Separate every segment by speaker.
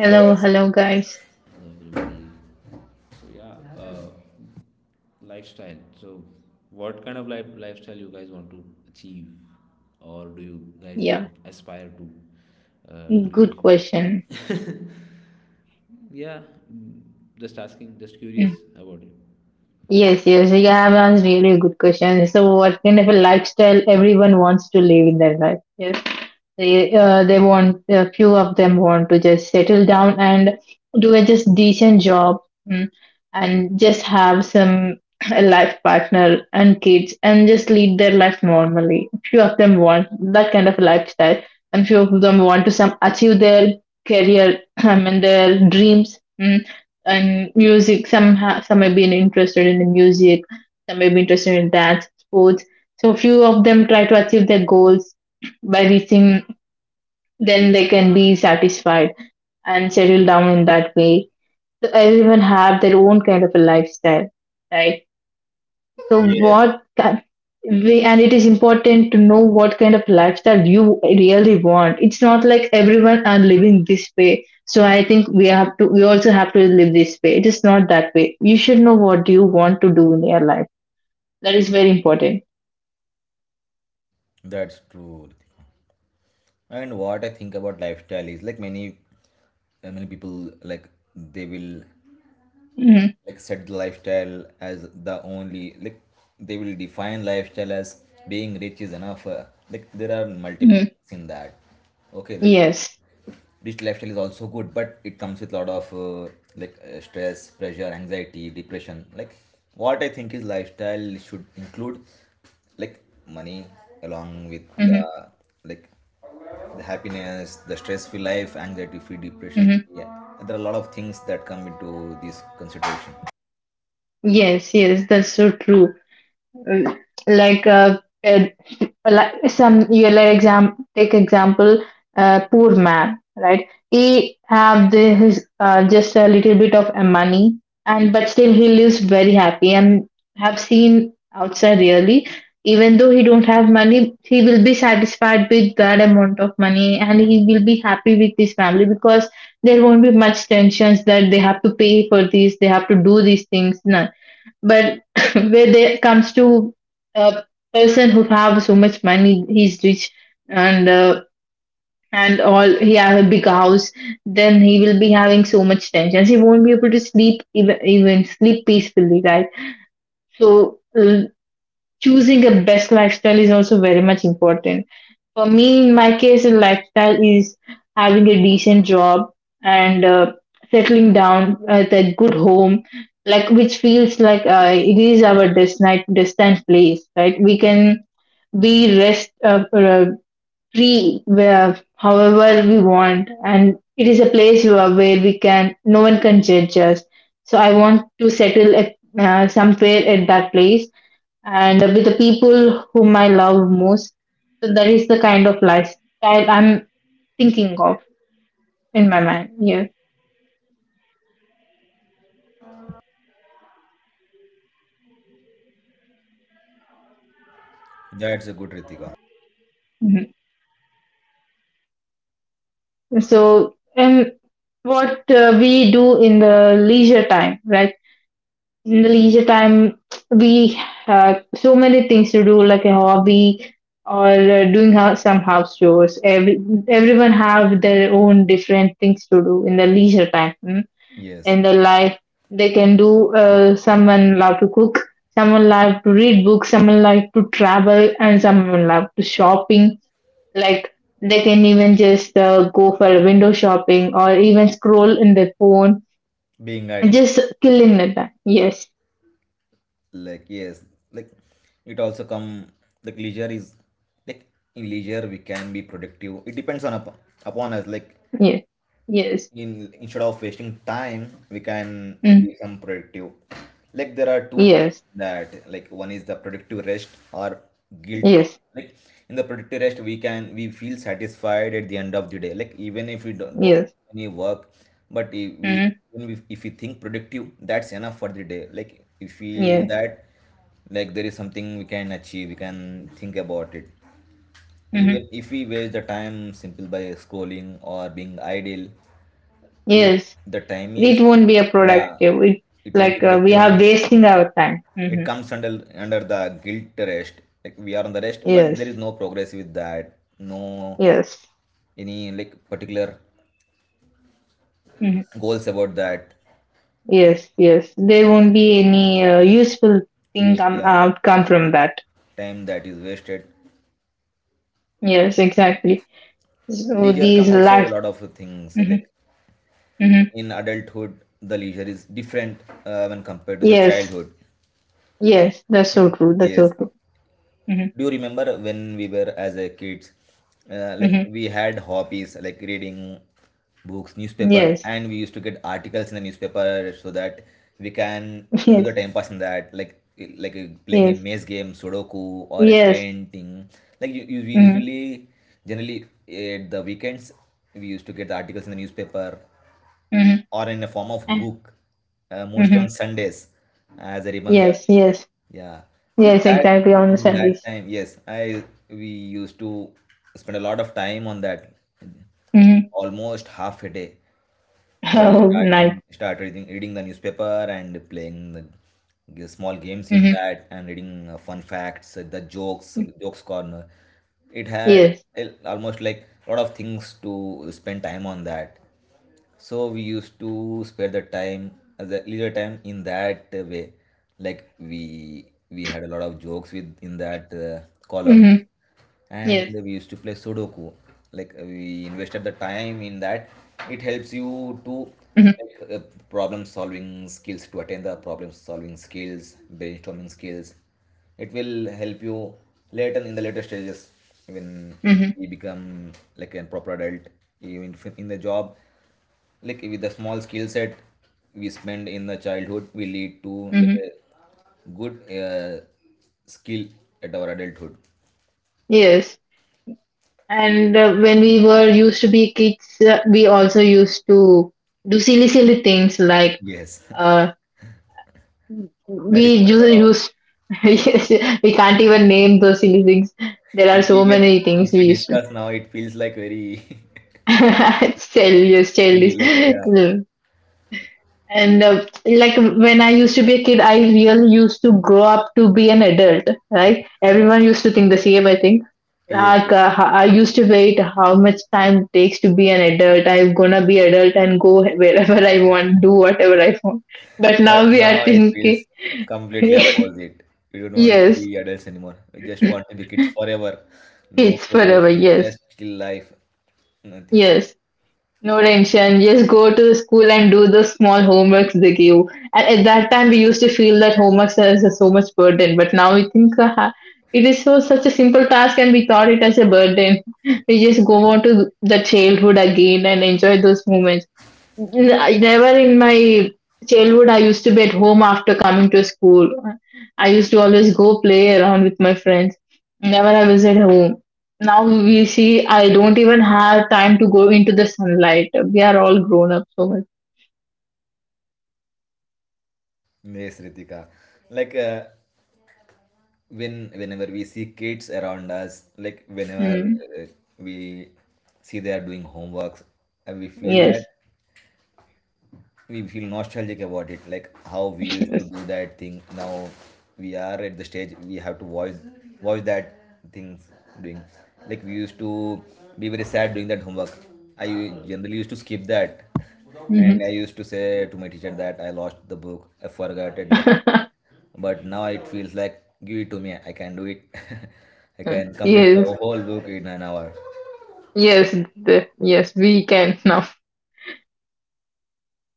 Speaker 1: Hello guys.
Speaker 2: hello, guys. Yeah, good question. Mm. Yes, yes, you have asked really good question. So, what kind of a lifestyle everyone wants to live in their life? Yes, they want a few of them want to just settle down and do a just decent job, mm, and just have some a life partner and kids and just lead their life normally. Few of them want that kind of lifestyle, and few of them want to some achieve their career, I mean their dreams. And music, some may be interested in the music, some may be interested in dance, sports. So few of them try to achieve their goals by reaching, then they can be satisfied and settle down in that way. So everyone have their own kind of a lifestyle, right? So
Speaker 1: Yes.
Speaker 2: what kind we and it is important to know what kind of lifestyle you really want. It's not like everyone are living this way, so I think we also have to live this way. It is not that way. You should know what you want to do in your life. That is very important.
Speaker 1: That's true, Ritika. And what I think about lifestyle is, like, many people, like, they will,
Speaker 2: Mm-hmm.
Speaker 1: like, set the lifestyle as the only, like, they will define lifestyle as being rich is enough. Like, there are multiple things in that. Okay, like,
Speaker 2: Yes.
Speaker 1: rich lifestyle is also good, but it comes with a lot of stress, pressure, anxiety, depression. Like, what I think is lifestyle should include, like, money along with the,
Speaker 2: Mm-hmm.
Speaker 1: like, the happiness, the stress free life, anxiety free, depression.
Speaker 2: Mm-hmm.
Speaker 1: Yeah, there are a lot of things that come into this consideration.
Speaker 2: Yes, yes, that's so true. Mm, like uh, uh, like some you like exam take example, poor man, right? He have his just a little bit of money, and but still he lives very happy and have seen outside really. Even though he don't have money, he will be satisfied with that amount of money, and he will be happy with his family because there won't be much tensions that they have to pay for this, they have to do these things. No, but where there comes to a person who have so much money, he's rich, and uh, and all, he have a big house, then he will be having so much tensions. He won't be able to sleep, even sleep peacefully, right? So choosing a best lifestyle is also very much important. For me, in my case, a lifestyle is having a decent job and settling down at a good home, like which feels like it is our destined place, right? We can be rest, free, where however we want, and it is a place where we can no one can judge us. So I want to settle somewhere at that place, and with the people whom I love most. So that is the kind of lifestyle I'm thinking of in my mind. Yeah.
Speaker 1: That's a good, Ritika.
Speaker 2: Mhm. so and what we do in the leisure time, right? In the leisure time we have so many things to do, like a hobby, or doing some house chores. Everyone have their own different things to do in the leisure time. Hmm?
Speaker 1: Yes,
Speaker 2: In their life they can do, someone love to cook, someone love to read books, someone like to travel, and someone love to shopping. Like, they can even just go for window shopping, or even scroll in their phone
Speaker 1: being
Speaker 2: and
Speaker 1: ideal,
Speaker 2: just killing the time. Yes.
Speaker 1: like, yes, like, it also come, like, leisure is, like, in leisure we can be productive. It depends on upon us, like,
Speaker 2: Yeah. Yes.
Speaker 1: in instead of wasting time we can
Speaker 2: Mm.
Speaker 1: be some productive. Like, there are two
Speaker 2: Yes.
Speaker 1: that, like, one is the productive rest or guilt.
Speaker 2: Yes.
Speaker 1: Like, in the productive rest, we feel satisfied at the end of the day. Like, even if we don't
Speaker 2: Yes.
Speaker 1: do any work, but if we
Speaker 2: Mm-hmm.
Speaker 1: even if we think productive, that's enough for the day. Like, we feel
Speaker 2: Yeah.
Speaker 1: that, like, there is something we can achieve, we can think about it.
Speaker 2: Hmm.
Speaker 1: Even if we waste the time simple by scrolling or being idle, if
Speaker 2: Yes.
Speaker 1: the time is,
Speaker 2: It won't be a
Speaker 1: yeah,
Speaker 2: productive. It's
Speaker 1: it won't be
Speaker 2: like we
Speaker 1: productive,
Speaker 2: are
Speaker 1: and
Speaker 2: wasting our time.
Speaker 1: it
Speaker 2: Hmm.
Speaker 1: comes under the guilt rest. Like, we are on the rest, but there
Speaker 2: Yes.
Speaker 1: is no progress with that, no
Speaker 2: Yes.
Speaker 1: any, like, particular
Speaker 2: Hmm.
Speaker 1: goals about that
Speaker 2: Yes. Yes. There won't be any useful thing
Speaker 1: use.
Speaker 2: come
Speaker 1: Yeah,
Speaker 2: outcome from that.
Speaker 1: time that is wasted.
Speaker 2: Yes. Exactly. So
Speaker 1: Leisure
Speaker 2: these
Speaker 1: come also a
Speaker 2: life.
Speaker 1: lot of things.
Speaker 2: Hmm.
Speaker 1: Like,
Speaker 2: Hmm.
Speaker 1: in adulthood the leisure is different when compared to the
Speaker 2: Yes.
Speaker 1: childhood
Speaker 2: Yes. That's so
Speaker 1: in,
Speaker 2: true. That's so
Speaker 1: yes,
Speaker 2: true. Hmm.
Speaker 1: do you remember, when we were as a kids like,
Speaker 2: Hmm.
Speaker 1: we had hobbies like reading books, newspaper,
Speaker 2: Yes.
Speaker 1: and we used to get articles in the newspaper so that we can do
Speaker 2: Yes.
Speaker 1: the time pass in that, like playing a
Speaker 2: Yes.
Speaker 1: maze game, sudoku, or a
Speaker 2: Yes.
Speaker 1: painting. Like, we
Speaker 2: Hmm.
Speaker 1: usually, generally at the weekends, we used to get the articles in the newspaper
Speaker 2: Mm-hmm.
Speaker 1: or in a form of book, mostly on
Speaker 2: Mm-hmm.
Speaker 1: Sundays, as I remember.
Speaker 2: Yes, yes,
Speaker 1: Yeah, with
Speaker 2: yes,
Speaker 1: that,
Speaker 2: exactly, on the
Speaker 1: in that
Speaker 2: Sundays.
Speaker 1: time, yes, I we used to spend a lot of time on that, like,
Speaker 2: Mm-hmm.
Speaker 1: almost half a day, while
Speaker 2: Oh, nice.
Speaker 1: start reading the newspaper and playing the small games in
Speaker 2: Mm-hmm.
Speaker 1: that, and reading fun facts, the jokes corner. It had
Speaker 2: Yes.
Speaker 1: almost like a lot of things to spend time on that. So we used to spare the time, the leisure time, in that way. Like, we had a lot of jokes with in that column,
Speaker 2: Mm-hmm.
Speaker 1: and
Speaker 2: Yes.
Speaker 1: we used to play Sudoku. Like, we invested the time in that. It helps you to,
Speaker 2: Mm-hmm.
Speaker 1: like, problem solving skills, to attain the problem solving skills, brainstorming skills. It will help you later in the later stages, when
Speaker 2: Mm-hmm.
Speaker 1: you become like a proper adult, even if in the job. Like, with the small skill set we spend in the childhood will lead to like
Speaker 2: Mm-hmm.
Speaker 1: a good skill at our adulthood.
Speaker 2: Yes. And when we were used to be kids, we also used to do silly, silly things, like
Speaker 1: Yes.
Speaker 2: uh,
Speaker 1: I
Speaker 2: we
Speaker 1: remember a lot of
Speaker 2: used. Yes, we can't even name those silly things. There are
Speaker 1: e-
Speaker 2: so
Speaker 1: even
Speaker 2: many things
Speaker 1: if
Speaker 2: we
Speaker 1: we
Speaker 2: used to.
Speaker 1: discuss now, it feels like very
Speaker 2: It's childish,
Speaker 1: silly,
Speaker 2: childish.
Speaker 1: like, yeah,
Speaker 2: And like when I used to be a kid, I really used to grow up to be an adult, right? Everyone used to think the same, I think.
Speaker 1: yes,
Speaker 2: Like,
Speaker 1: yes.
Speaker 2: I used to wait how much time it takes to be an adult. I'm gonna be adult and go wherever I want, do whatever I want. But
Speaker 1: But
Speaker 2: now we
Speaker 1: now
Speaker 2: are
Speaker 1: it feels
Speaker 2: thinking,
Speaker 1: completely opposite. We don't want to be
Speaker 2: yes,
Speaker 1: adults anymore. We just want to be kids forever. No
Speaker 2: kids
Speaker 1: progress,
Speaker 2: forever,
Speaker 1: no,
Speaker 2: yes,
Speaker 1: just chill life, nothing.
Speaker 2: yes. No tension. Just go to the school and do the small homeworks they give. And at that time, we used to feel that homeworks is so much burden. But now we think, it is so such a simple task, and we thought it as a burden. We just go on to the childhood again and enjoy those moments. I never in my childhood, I used to be at home after coming to school. I used to always go play around with my friends. Never I was at home. Now we see I don't even have time to go into the sunlight. We are all grown up so much.
Speaker 1: Yes, Ritika. Like, whenever we see kids around us, like, whenever
Speaker 2: Mm.
Speaker 1: uh, we see they are doing homeworks, and we feel
Speaker 2: Yes.
Speaker 1: that we feel nostalgic about it, like, how we used to
Speaker 2: Yes.
Speaker 1: do that thing. Now we are at the stage, we have to watch that things doing. Like, we used to be very sad doing that homework. I generally used to skip that,
Speaker 2: Mhm.
Speaker 1: and I used to say to my teacher that I lost the book, I forgot it, the homework. But now it feels like, give it to me, I can do it. I can complete
Speaker 2: Yes.
Speaker 1: the whole book in an hour.
Speaker 2: Yes. Yes. We can now.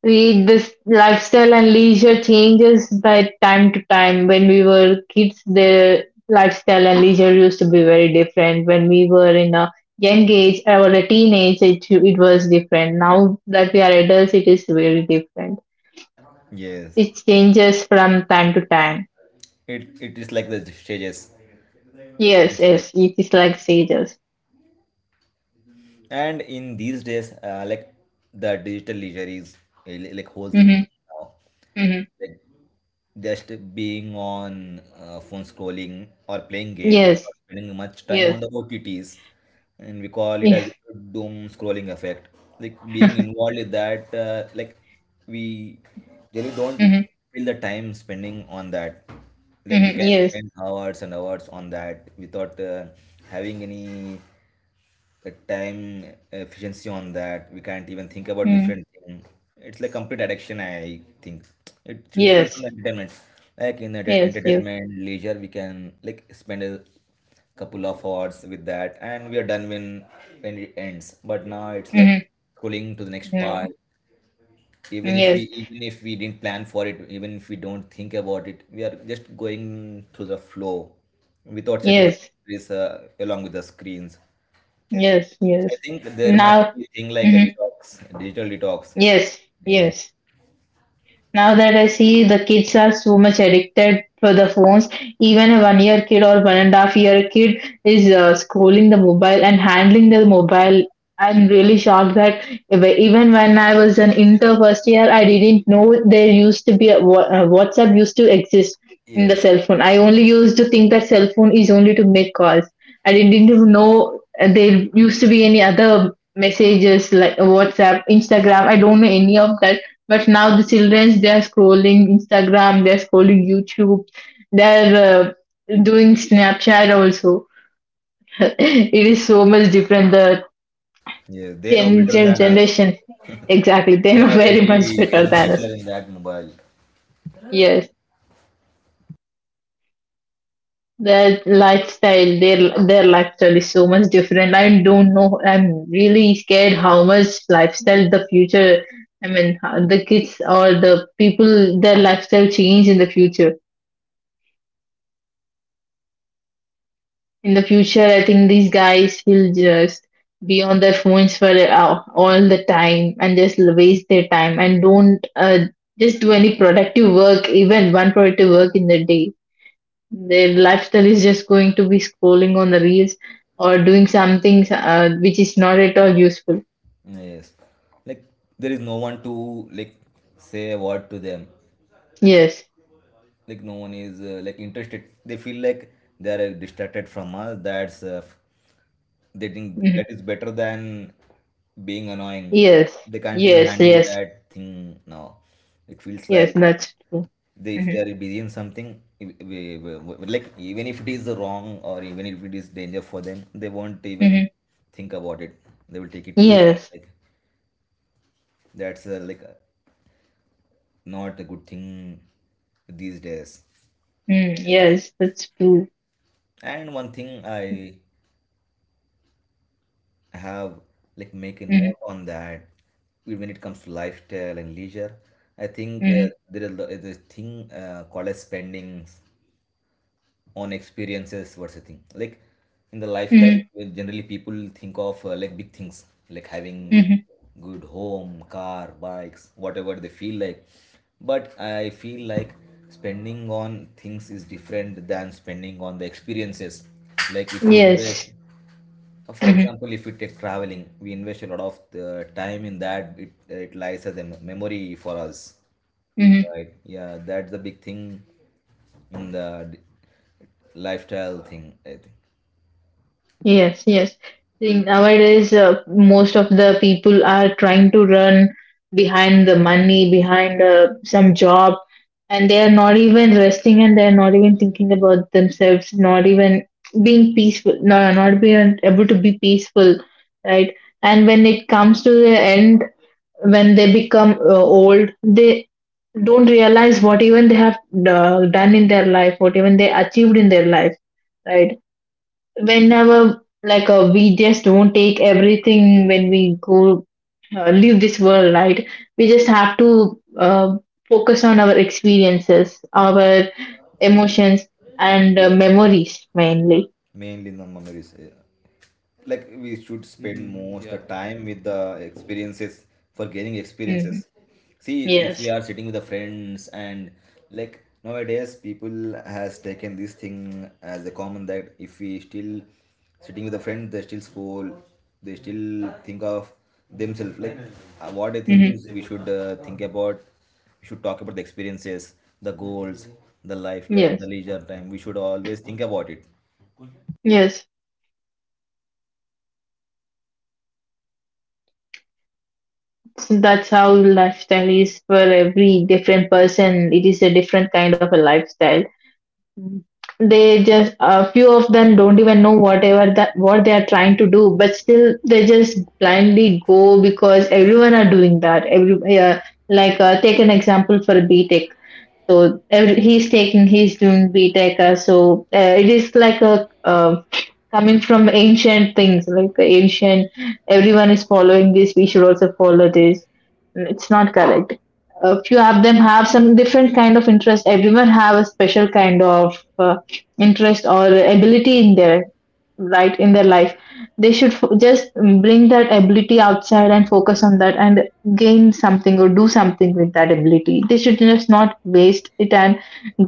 Speaker 2: We This lifestyle and leisure changes by time to time. When we were kids, the lifestyle and leisure used to be very different. When we were in a young age or a teenage, it was different. Now that we are adults, it is very different.
Speaker 1: Yes,
Speaker 2: It changes from time to time.
Speaker 1: it is like the stages, the
Speaker 2: Yes,
Speaker 1: stage.
Speaker 2: yes, it is like stages.
Speaker 1: And in these days, like, the digital leisure is, like whole thing
Speaker 2: Mm-hmm,
Speaker 1: now,
Speaker 2: mm-hmm.
Speaker 1: like, just being on phone, scrolling, or playing games,
Speaker 2: Yes,
Speaker 1: or spending much time on
Speaker 2: yes,
Speaker 1: the OTTs, and we call it
Speaker 2: yes.
Speaker 1: as doom scrolling effect. Like, being involved in that, like, we really don't
Speaker 2: Mm-hmm,
Speaker 1: feel the time spending on that. Like, we
Speaker 2: mm-hmm,
Speaker 1: can
Speaker 2: yes,
Speaker 1: spend hours and hours on that without having any the time efficiency on that. We can't even think about
Speaker 2: mm-hmm.
Speaker 1: different thing. It's like complete addiction. I think it's different
Speaker 2: Yes,
Speaker 1: from entertainment. Like, in enter-
Speaker 2: yes, yes.
Speaker 1: entertainment leisure, we can, like, spend a couple of hours with that, and we are done when it ends. But now it's like
Speaker 2: Mm-hmm.
Speaker 1: scrolling to the next part,
Speaker 2: No,
Speaker 1: even if we
Speaker 2: yes,
Speaker 1: even if we didn't plan for it, even if we don't think about it, we are just going through the flow without setting the
Speaker 2: yes.
Speaker 1: boundaries along with the screens.
Speaker 2: Yes,
Speaker 1: I
Speaker 2: yes.
Speaker 1: think there must
Speaker 2: Now,
Speaker 1: be a thing like a
Speaker 2: mhm.
Speaker 1: detox, a digital detox.
Speaker 2: Yes,
Speaker 1: Yes,
Speaker 2: yes. Now that I see, the kids are so much addicted for the phones. Even a 1 year kid or 1.5 year kid is scrolling the mobile and handling the mobile. I'm really shocked that even when I was an inter first year, I didn't know there used to be a Wha- WhatsApp used to exist in the
Speaker 1: yes,
Speaker 2: cell phone. I only used to think that cell phone is only to make calls. I didn't even know there used to be any other messages like WhatsApp, Instagram. I don't know any of that, but now the children, they are scrolling Instagram, they are scrolling YouTube, they are doing Snapchat also. It is so much different. The
Speaker 1: yes. They know better than us.
Speaker 2: generation, exactly, they
Speaker 1: They
Speaker 2: know
Speaker 1: know
Speaker 2: very
Speaker 1: every
Speaker 2: much better
Speaker 1: hidden
Speaker 2: than
Speaker 1: feature
Speaker 2: us.
Speaker 1: in that mobile.
Speaker 2: Yes, their lifestyle, their lifestyle is so much different. I don't know. I'm really scared how much lifestyle the future. I mean, how the kids or the people, their lifestyle change in the future. In the future, I think these guys will just be on their phones for all the time, and just waste their time and don't just do any productive work, even one productive work in the day. Their lifestyle is just going to be scrolling on the reels or doing something which is not at all useful.
Speaker 1: Yes, like, there is no one to, like, say a word to them.
Speaker 2: Yes.
Speaker 1: Like, no one is like, interested. They feel like they are distracted from us. That's they think that
Speaker 2: Mhm.
Speaker 1: is better than being annoying.
Speaker 2: Yes.
Speaker 1: They can't even
Speaker 2: Yes.
Speaker 1: handle
Speaker 2: Yes.
Speaker 1: that thing now. It feels
Speaker 2: Yes.
Speaker 1: like,
Speaker 2: That's true.
Speaker 1: they, if
Speaker 2: Hmm.
Speaker 1: they are busy in something, like, even if it is wrong, or even if it is danger for them, they won't even
Speaker 2: Hmm.
Speaker 1: think about it. They will take it easy.
Speaker 2: Yes.
Speaker 1: Like, that's not a good thing these days.
Speaker 2: Mm, yes. That's true.
Speaker 1: And one thing I have, like, make a
Speaker 2: Hmm.
Speaker 1: note on that, when it comes to lifestyle and leisure. I think
Speaker 2: Hmm.
Speaker 1: there is the thing called as spendings on experiences. What's the thing, like, in the lifestyle.
Speaker 2: Hmm.
Speaker 1: Well, generally people think of like, big things like having
Speaker 2: Hmm.
Speaker 1: good home, car, bikes, whatever they feel like. But I feel like spending on things is different than spending on the experiences. Like, if we invest,
Speaker 2: Yes.
Speaker 1: for
Speaker 2: Mm-hmm,
Speaker 1: example, if we take traveling, we invest a lot of the time in that. It lies as a memory for us.
Speaker 2: mm-hmm.
Speaker 1: Right. Yeah, that's the big thing in the lifestyle thing, I think.
Speaker 2: Yes, yes. See, nowadays, most of the people are trying to run behind the money, behind some job, and they are not even resting, and they are not even thinking about themselves, not even being peaceful, no, not being able to be peaceful, right? And when it comes to the end, when they become old, they don't realize what even they have done in their life, what even they achieved in their life, right? Whenever, like, we just don't take everything when we go, leave this world, right? We just have to focus on our experiences, our emotions, and
Speaker 1: Yes,
Speaker 2: memories mainly.
Speaker 1: mainly in the memories. Yeah, like, we should spend most the time with the experiences, for gaining experiences.
Speaker 2: Hmm.
Speaker 1: See, if we
Speaker 2: Yes.
Speaker 1: are sitting with the friends, and, like, nowadays people has taken this thing as a common that if we still sitting with a friend, they still scroll, they still think of themselves. Like, what I think
Speaker 2: Hmm.
Speaker 1: is, we should talk about the experiences, the goals, the lifestyle,
Speaker 2: Yes.
Speaker 1: the leisure time. We should always think about it.
Speaker 2: Yes. So that's how lifestyle is. For every different person it is a different kind of a lifestyle. They just, a few of them don't even know whatever that what they are trying to do, but still they just blindly go because everyone are doing that. Every, like, take an example for B Tech. So he's doing btech, so it is like a coming from ancient things. Like the ancient, everyone is following this, we should also follow this. It's not correct. A few of them have some different kind of interest. Everyone have a special kind of interest or ability in their right in their life. They should just bring that ability outside and focus on that and gain something or do something with that ability. They should just not waste it and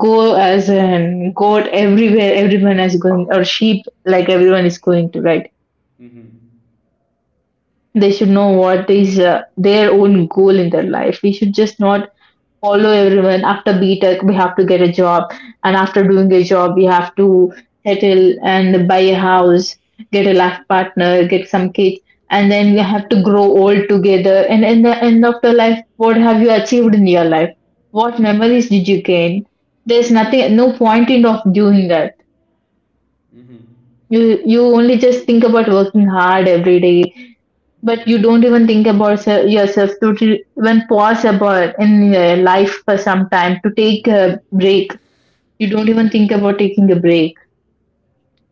Speaker 2: go as a goat everywhere everyone is going, or sheep, like everyone is going to, right? They should know what is their own goal in their life. We should just not follow everyone. After BTech, we have to get a job, and after doing a job, we have to settle and buy a house, get a life partner, get some kids, and then we have to grow old together. And in the end of the life, what have you achieved in your life? What memories did you gain? There's nothing, no point in of doing that. You only just think about working hard every day, but you don't even think about yourself to even pause about in your life for some time to take a break. You don't even think about taking a break.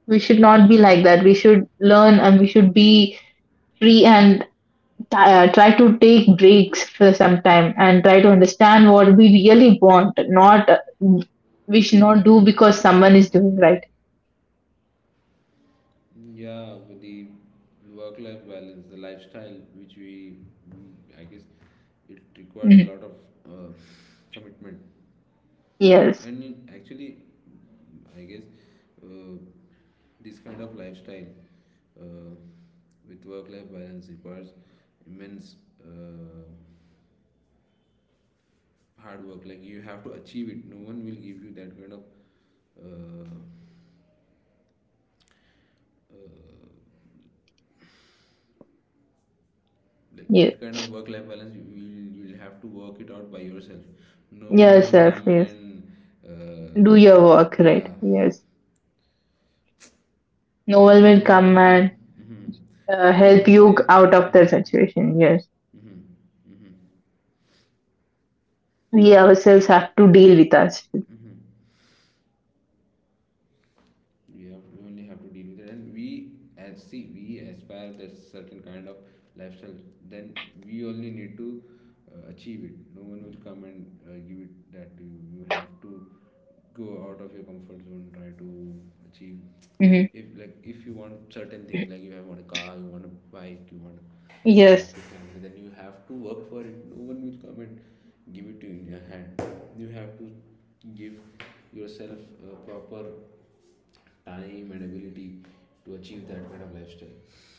Speaker 2: We should not be like that. We should learn and we should be free and try to take breaks for some time and try to understand what we really want. Not we should not do because someone is doing, right? Mhm. Yes. Yes. Yes, sir. Yes. Do your work, right? Yes, no one will come and help you out of that situation. Yes, we ourselves have to deal with us. Hmm. Yes.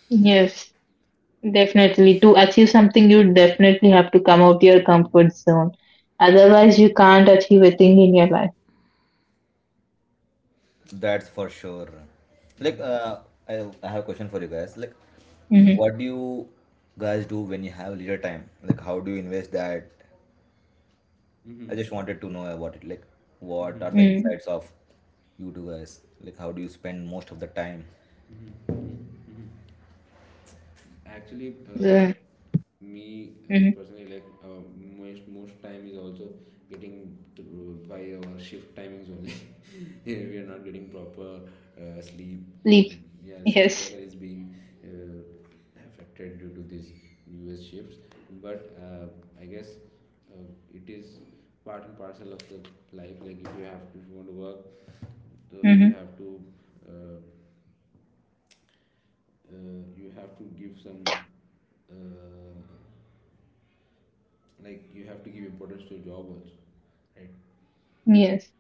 Speaker 2: Yes, definitely. To achieve something, you definitely have to come out your comfort zone, otherwise you can't achieve a thing in your life.
Speaker 1: That's for sure. Like, I have a question for you guys. Like,
Speaker 2: Mm-hmm.
Speaker 1: what do you guys do when you have leisure time? Like, how do you invest that? I just wanted to know about it. Like, what are the
Speaker 2: Mm-hmm.
Speaker 1: insights of you two guys? Like, how do you spend most of the time?
Speaker 2: Yeah. Mm-hmm. Sleep. Yes. Mm-hmm. Yes.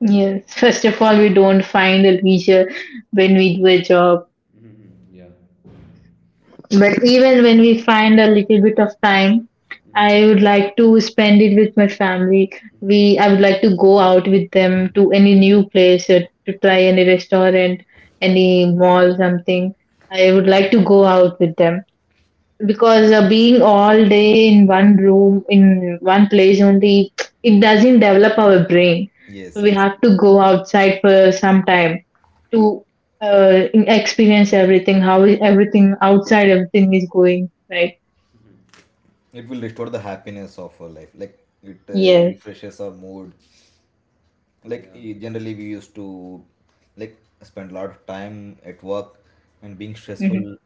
Speaker 2: Yes, first of all, we don't find a leisure when we do a job. But even when we find a little bit of time, I would like to spend it with my family. We I would like to go out with them to any new place or to try any restaurant, any mall, something. I would like to go out with them because being all day in one room in one place only, it doesn't develop our brain. So
Speaker 1: Yes,
Speaker 2: we
Speaker 1: yes.
Speaker 2: have to go outside for some time to experience everything, how is everything outside, everything is going, right?
Speaker 1: It will restore the happiness of our life. Like, it
Speaker 2: Yes.
Speaker 1: refreshes our mood. Like, generally, we used to, like, spend a lot of time at work, and being
Speaker 2: Hmm.
Speaker 1: stressful,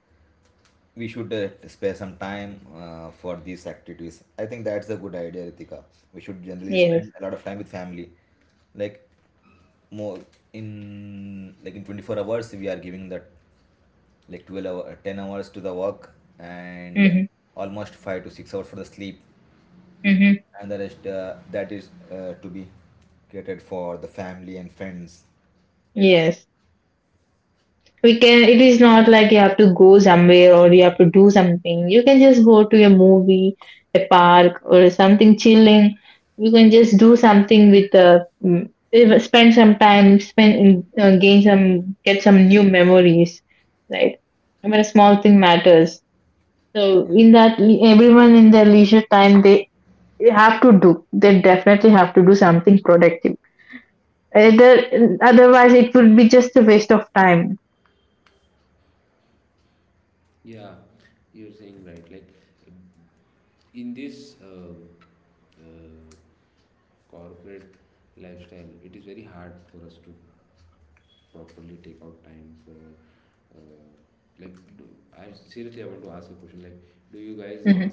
Speaker 1: we should spare some time for these activities. I think that's a good idea, Ritika. We should generally
Speaker 2: Yes.
Speaker 1: spend a lot of time with family. Like, more in, like, in 24 hours, we are giving that like 12 hour, 10 hours to the work, and
Speaker 2: Hmm.
Speaker 1: almost 5 to 6 hours for the sleep.
Speaker 2: Hmm.
Speaker 1: And the rest that is to be catered for the family and friends.
Speaker 2: Yes. We can. It is not like you have to go somewhere or you have to do something. You can just go to a movie, a park, or something chilling. You can just do something with the. Spend some time, spend gain some, get some new memories, right? I mean, a small thing matters. So
Speaker 1: Yes.
Speaker 2: in that, everyone in their leisure time, they have to do. They definitely have to do something productive. Either, otherwise, it would be just a waste of time. Mm-hmm,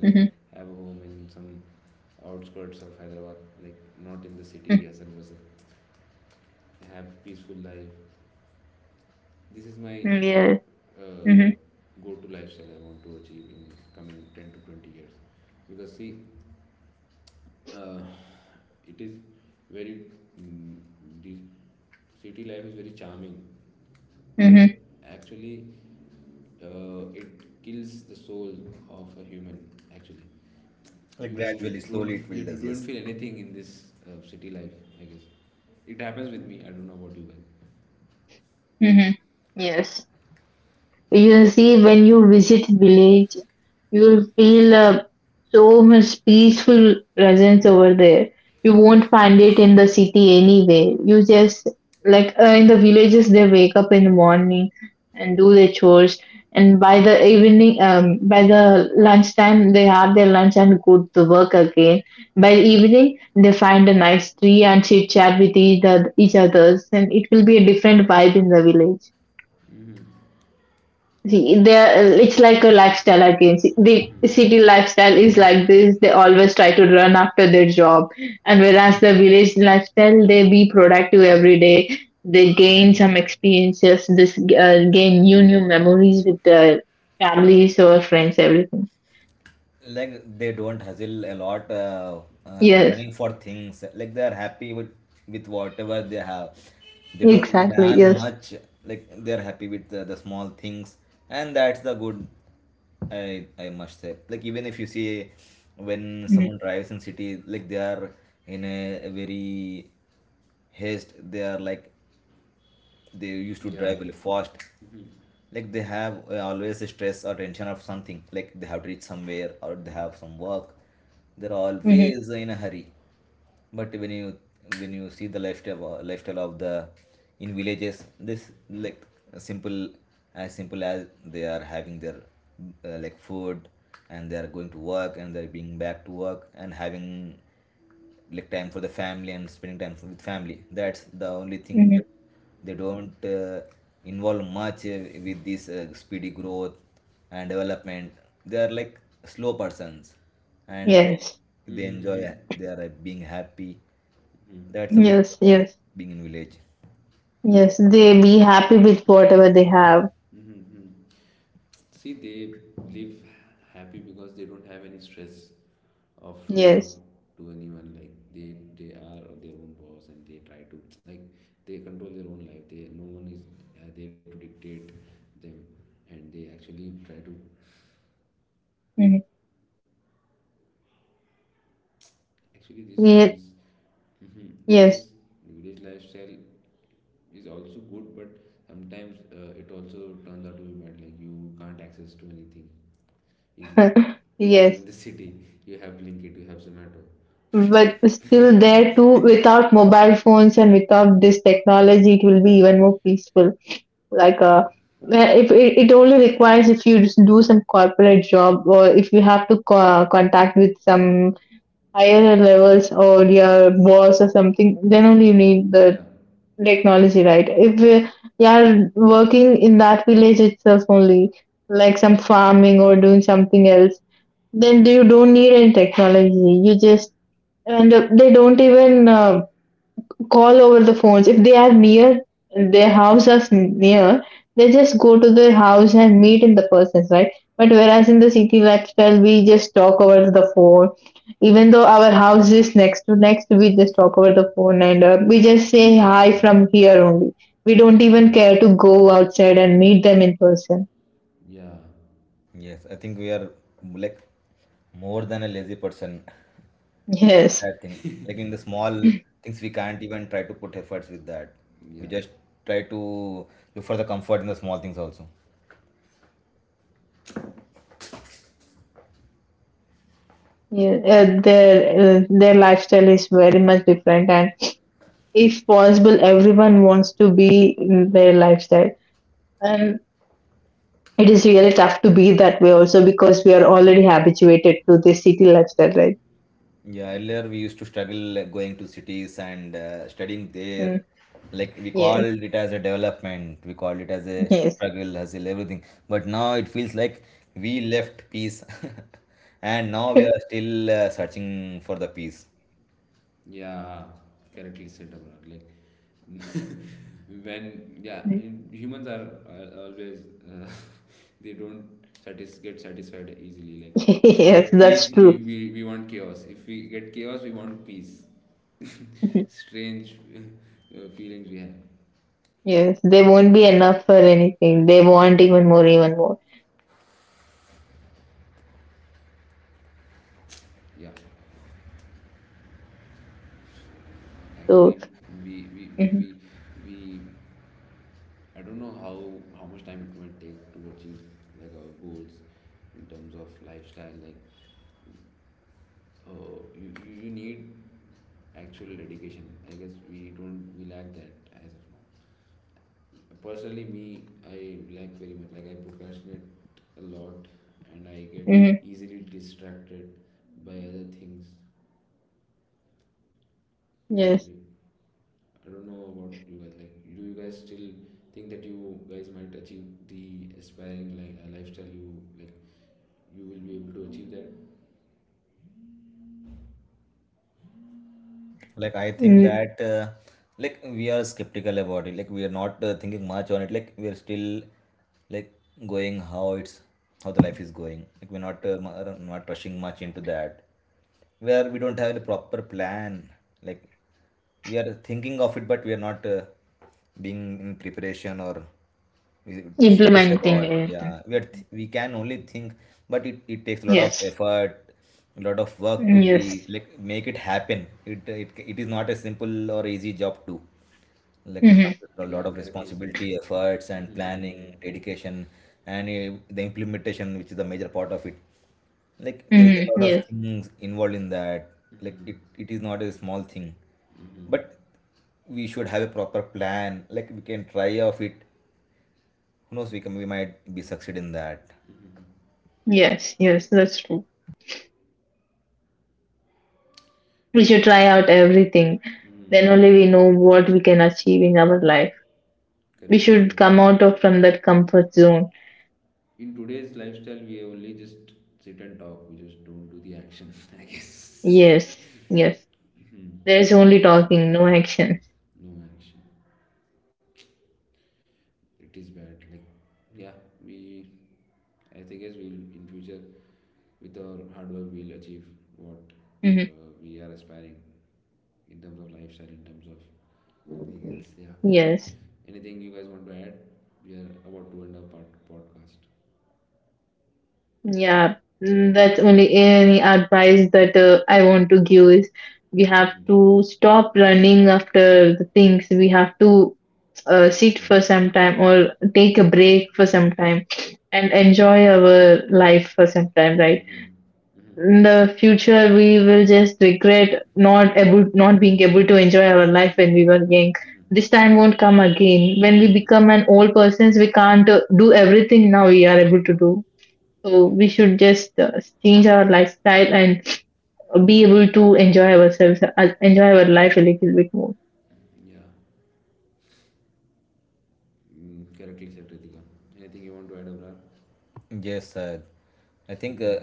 Speaker 2: mm-hmm, mm-hmm. Yes. Mm-hmm, mm-hmm,
Speaker 1: Like, gradually, slowly it builds us. Yes,
Speaker 2: mm-hmm. Yes. You'll see when you visit village, you'll feel so much peaceful presence over there. You won't find it in the city anyway. You just like in the villages, they wake up in the morning and do their chores, and by the evening, by the lunchtime, they have their lunch and go to work again. By the evening, they find a nice tree and chit chat with each others, and it will be a different vibe in the village. See, they're, it's like a lifestyle again. See, the city lifestyle is like this. They always try to run after their job. And whereas the village lifestyle, they be productive every day. They gain some experiences, this gain new memories with their families or friends, everything.
Speaker 1: like, they don't hustle a lot,
Speaker 2: Yes,
Speaker 1: running for things. Like, they are happy with whatever they have. They don't
Speaker 2: exactly.
Speaker 1: plan
Speaker 2: Yes.
Speaker 1: much. Like, they are happy with the small things, and that's the good. I must say, like, even if you see when someone drives in city, like, they are in a very haste. They are, like, they used to drive really fast, like, they have always a stress or tension of something. Like, they have to reach somewhere, or they have some work. They're
Speaker 2: Mm-hmm.
Speaker 1: always in a hurry. But when you see the lifestyle of the in villages, this like simple, as simple as, they are having their like, food, and they are going to work, and they're being back to work, and having, like, time for the family, and spending time with family. That's the only thing, that
Speaker 2: Hmm.
Speaker 1: they don't involve much with this speedy growth and development. They are, like, slow persons, and they
Speaker 2: Yes.
Speaker 1: they enjoy. They are being happy. That's a good
Speaker 2: Yes.
Speaker 1: part of
Speaker 2: Yes.
Speaker 1: being in village.
Speaker 2: Yes. They be happy with whatever they have. Yes. Mm-hmm. Yes. Yes. Yes. But still, there too, without mobile phones and without this technology, it will be even more peaceful. Like if it only requires, if you just do some corporate job or if you have to contact with some higher levels or your boss or something, then only you need the technology, right? If you are working in that village itself only, like some farming or doing something else, then you don't need any technology. You just, and they don't even call over the phones. If they are near, their house is near, they just go to their house and meet in the person, right? But whereas in the city lifestyle, we just talk over the phone even though our house is next to next. We just talk over the phone and we just say hi from here only. We don't even care to go outside and meet them in person.
Speaker 1: Yes, I think we are like more than a lazy person with
Speaker 2: Yes.
Speaker 1: that thing. Like, in the small things, we can't even try to put efforts with that. We just try to look for the comfort in the small things also.
Speaker 2: Yeah, their lifestyle is very much different, and if possible, everyone wants to be in their lifestyle. And it is really tough to be that way also because we are already habituated to the city lifestyle, right?
Speaker 1: Yeah, earlier we used to struggle going to cities and studying there.
Speaker 2: Mm,
Speaker 1: Like, we called
Speaker 2: yes,
Speaker 1: it as a development, we called it as a
Speaker 2: yes.
Speaker 1: struggle, hustle, everything. But now it feels like we left peace, and now we are still searching for the peace.
Speaker 2: Yes, that's true. Mhm. Yes, they won't be enough for anything. They want even more, even more. So, mhm, mhm, yes,
Speaker 1: Like, I think
Speaker 2: mm,
Speaker 1: that like, we are skeptical about it. Like, we are not thinking much on it. Like, we are still, like, going how it's, how the life is going, like, we're not not rushing much into that, where we don't have the proper plan. Like, we are thinking of it, but we are not being in preparation, or we serious
Speaker 2: implementing
Speaker 1: about it.
Speaker 2: it.
Speaker 1: Yeah, we can only think, but it takes a lot of
Speaker 2: Yes,
Speaker 1: effort, a lot of work to be,
Speaker 2: yes,
Speaker 1: like, make it happen. It is not a simple or easy job. To like, it
Speaker 2: hmm,
Speaker 1: comes with a lot of responsibility, efforts, and planning, dedication, and the implementation, which is the major part of it. Like, there is
Speaker 2: hmm,
Speaker 1: a lot of
Speaker 2: yes,
Speaker 1: things involved in that. Like, it is not a small thing, but we should have a proper plan. Like, we can try of it. Who knows, we might be succeed in that.
Speaker 2: yes, yes, that's true. We should try out everything. Then only we know what we can achieve in our life. We should come out of from that comfort zone. Yes, yes. There is only talking, no action. Hmm. Yes, yeah. Mm, that's only any advice that I want to give is we have to stop running after the things. We have to sit for some time or take a break for some time and enjoy our life for some time, right? In the future, we will just regret not able not being able to enjoy our life when we were young. This time won't come again. When we become an old persons, we can't do everything now we are able to do. So we should just change our lifestyle and be able to enjoy ourselves, enjoy our life a little bit more.
Speaker 1: Yes, I think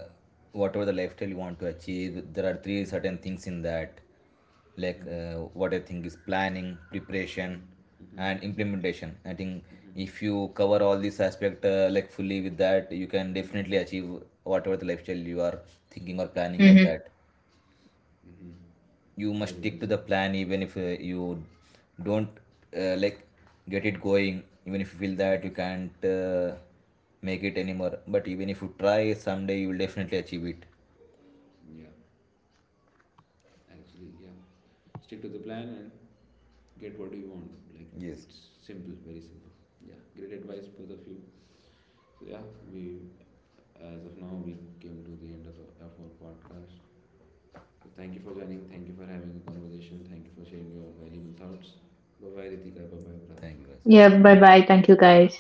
Speaker 1: whatever the lifestyle you want to achieve, there are three certain things in that. Like, what I think is planning, preparation, and implementation. I think if you cover all these aspect like, fully with that, you can definitely achieve whatever the lifestyle you are thinking or planning of
Speaker 2: Hmm.
Speaker 1: that. You must stick to the plan. Even if you don't like, get it going, even if you feel that you can't make it anymore, but even if you try, someday you will definitely achieve it. Yes, thank you guys,
Speaker 2: Yeah. Bye
Speaker 1: bye.
Speaker 2: bye. Thank you, guys.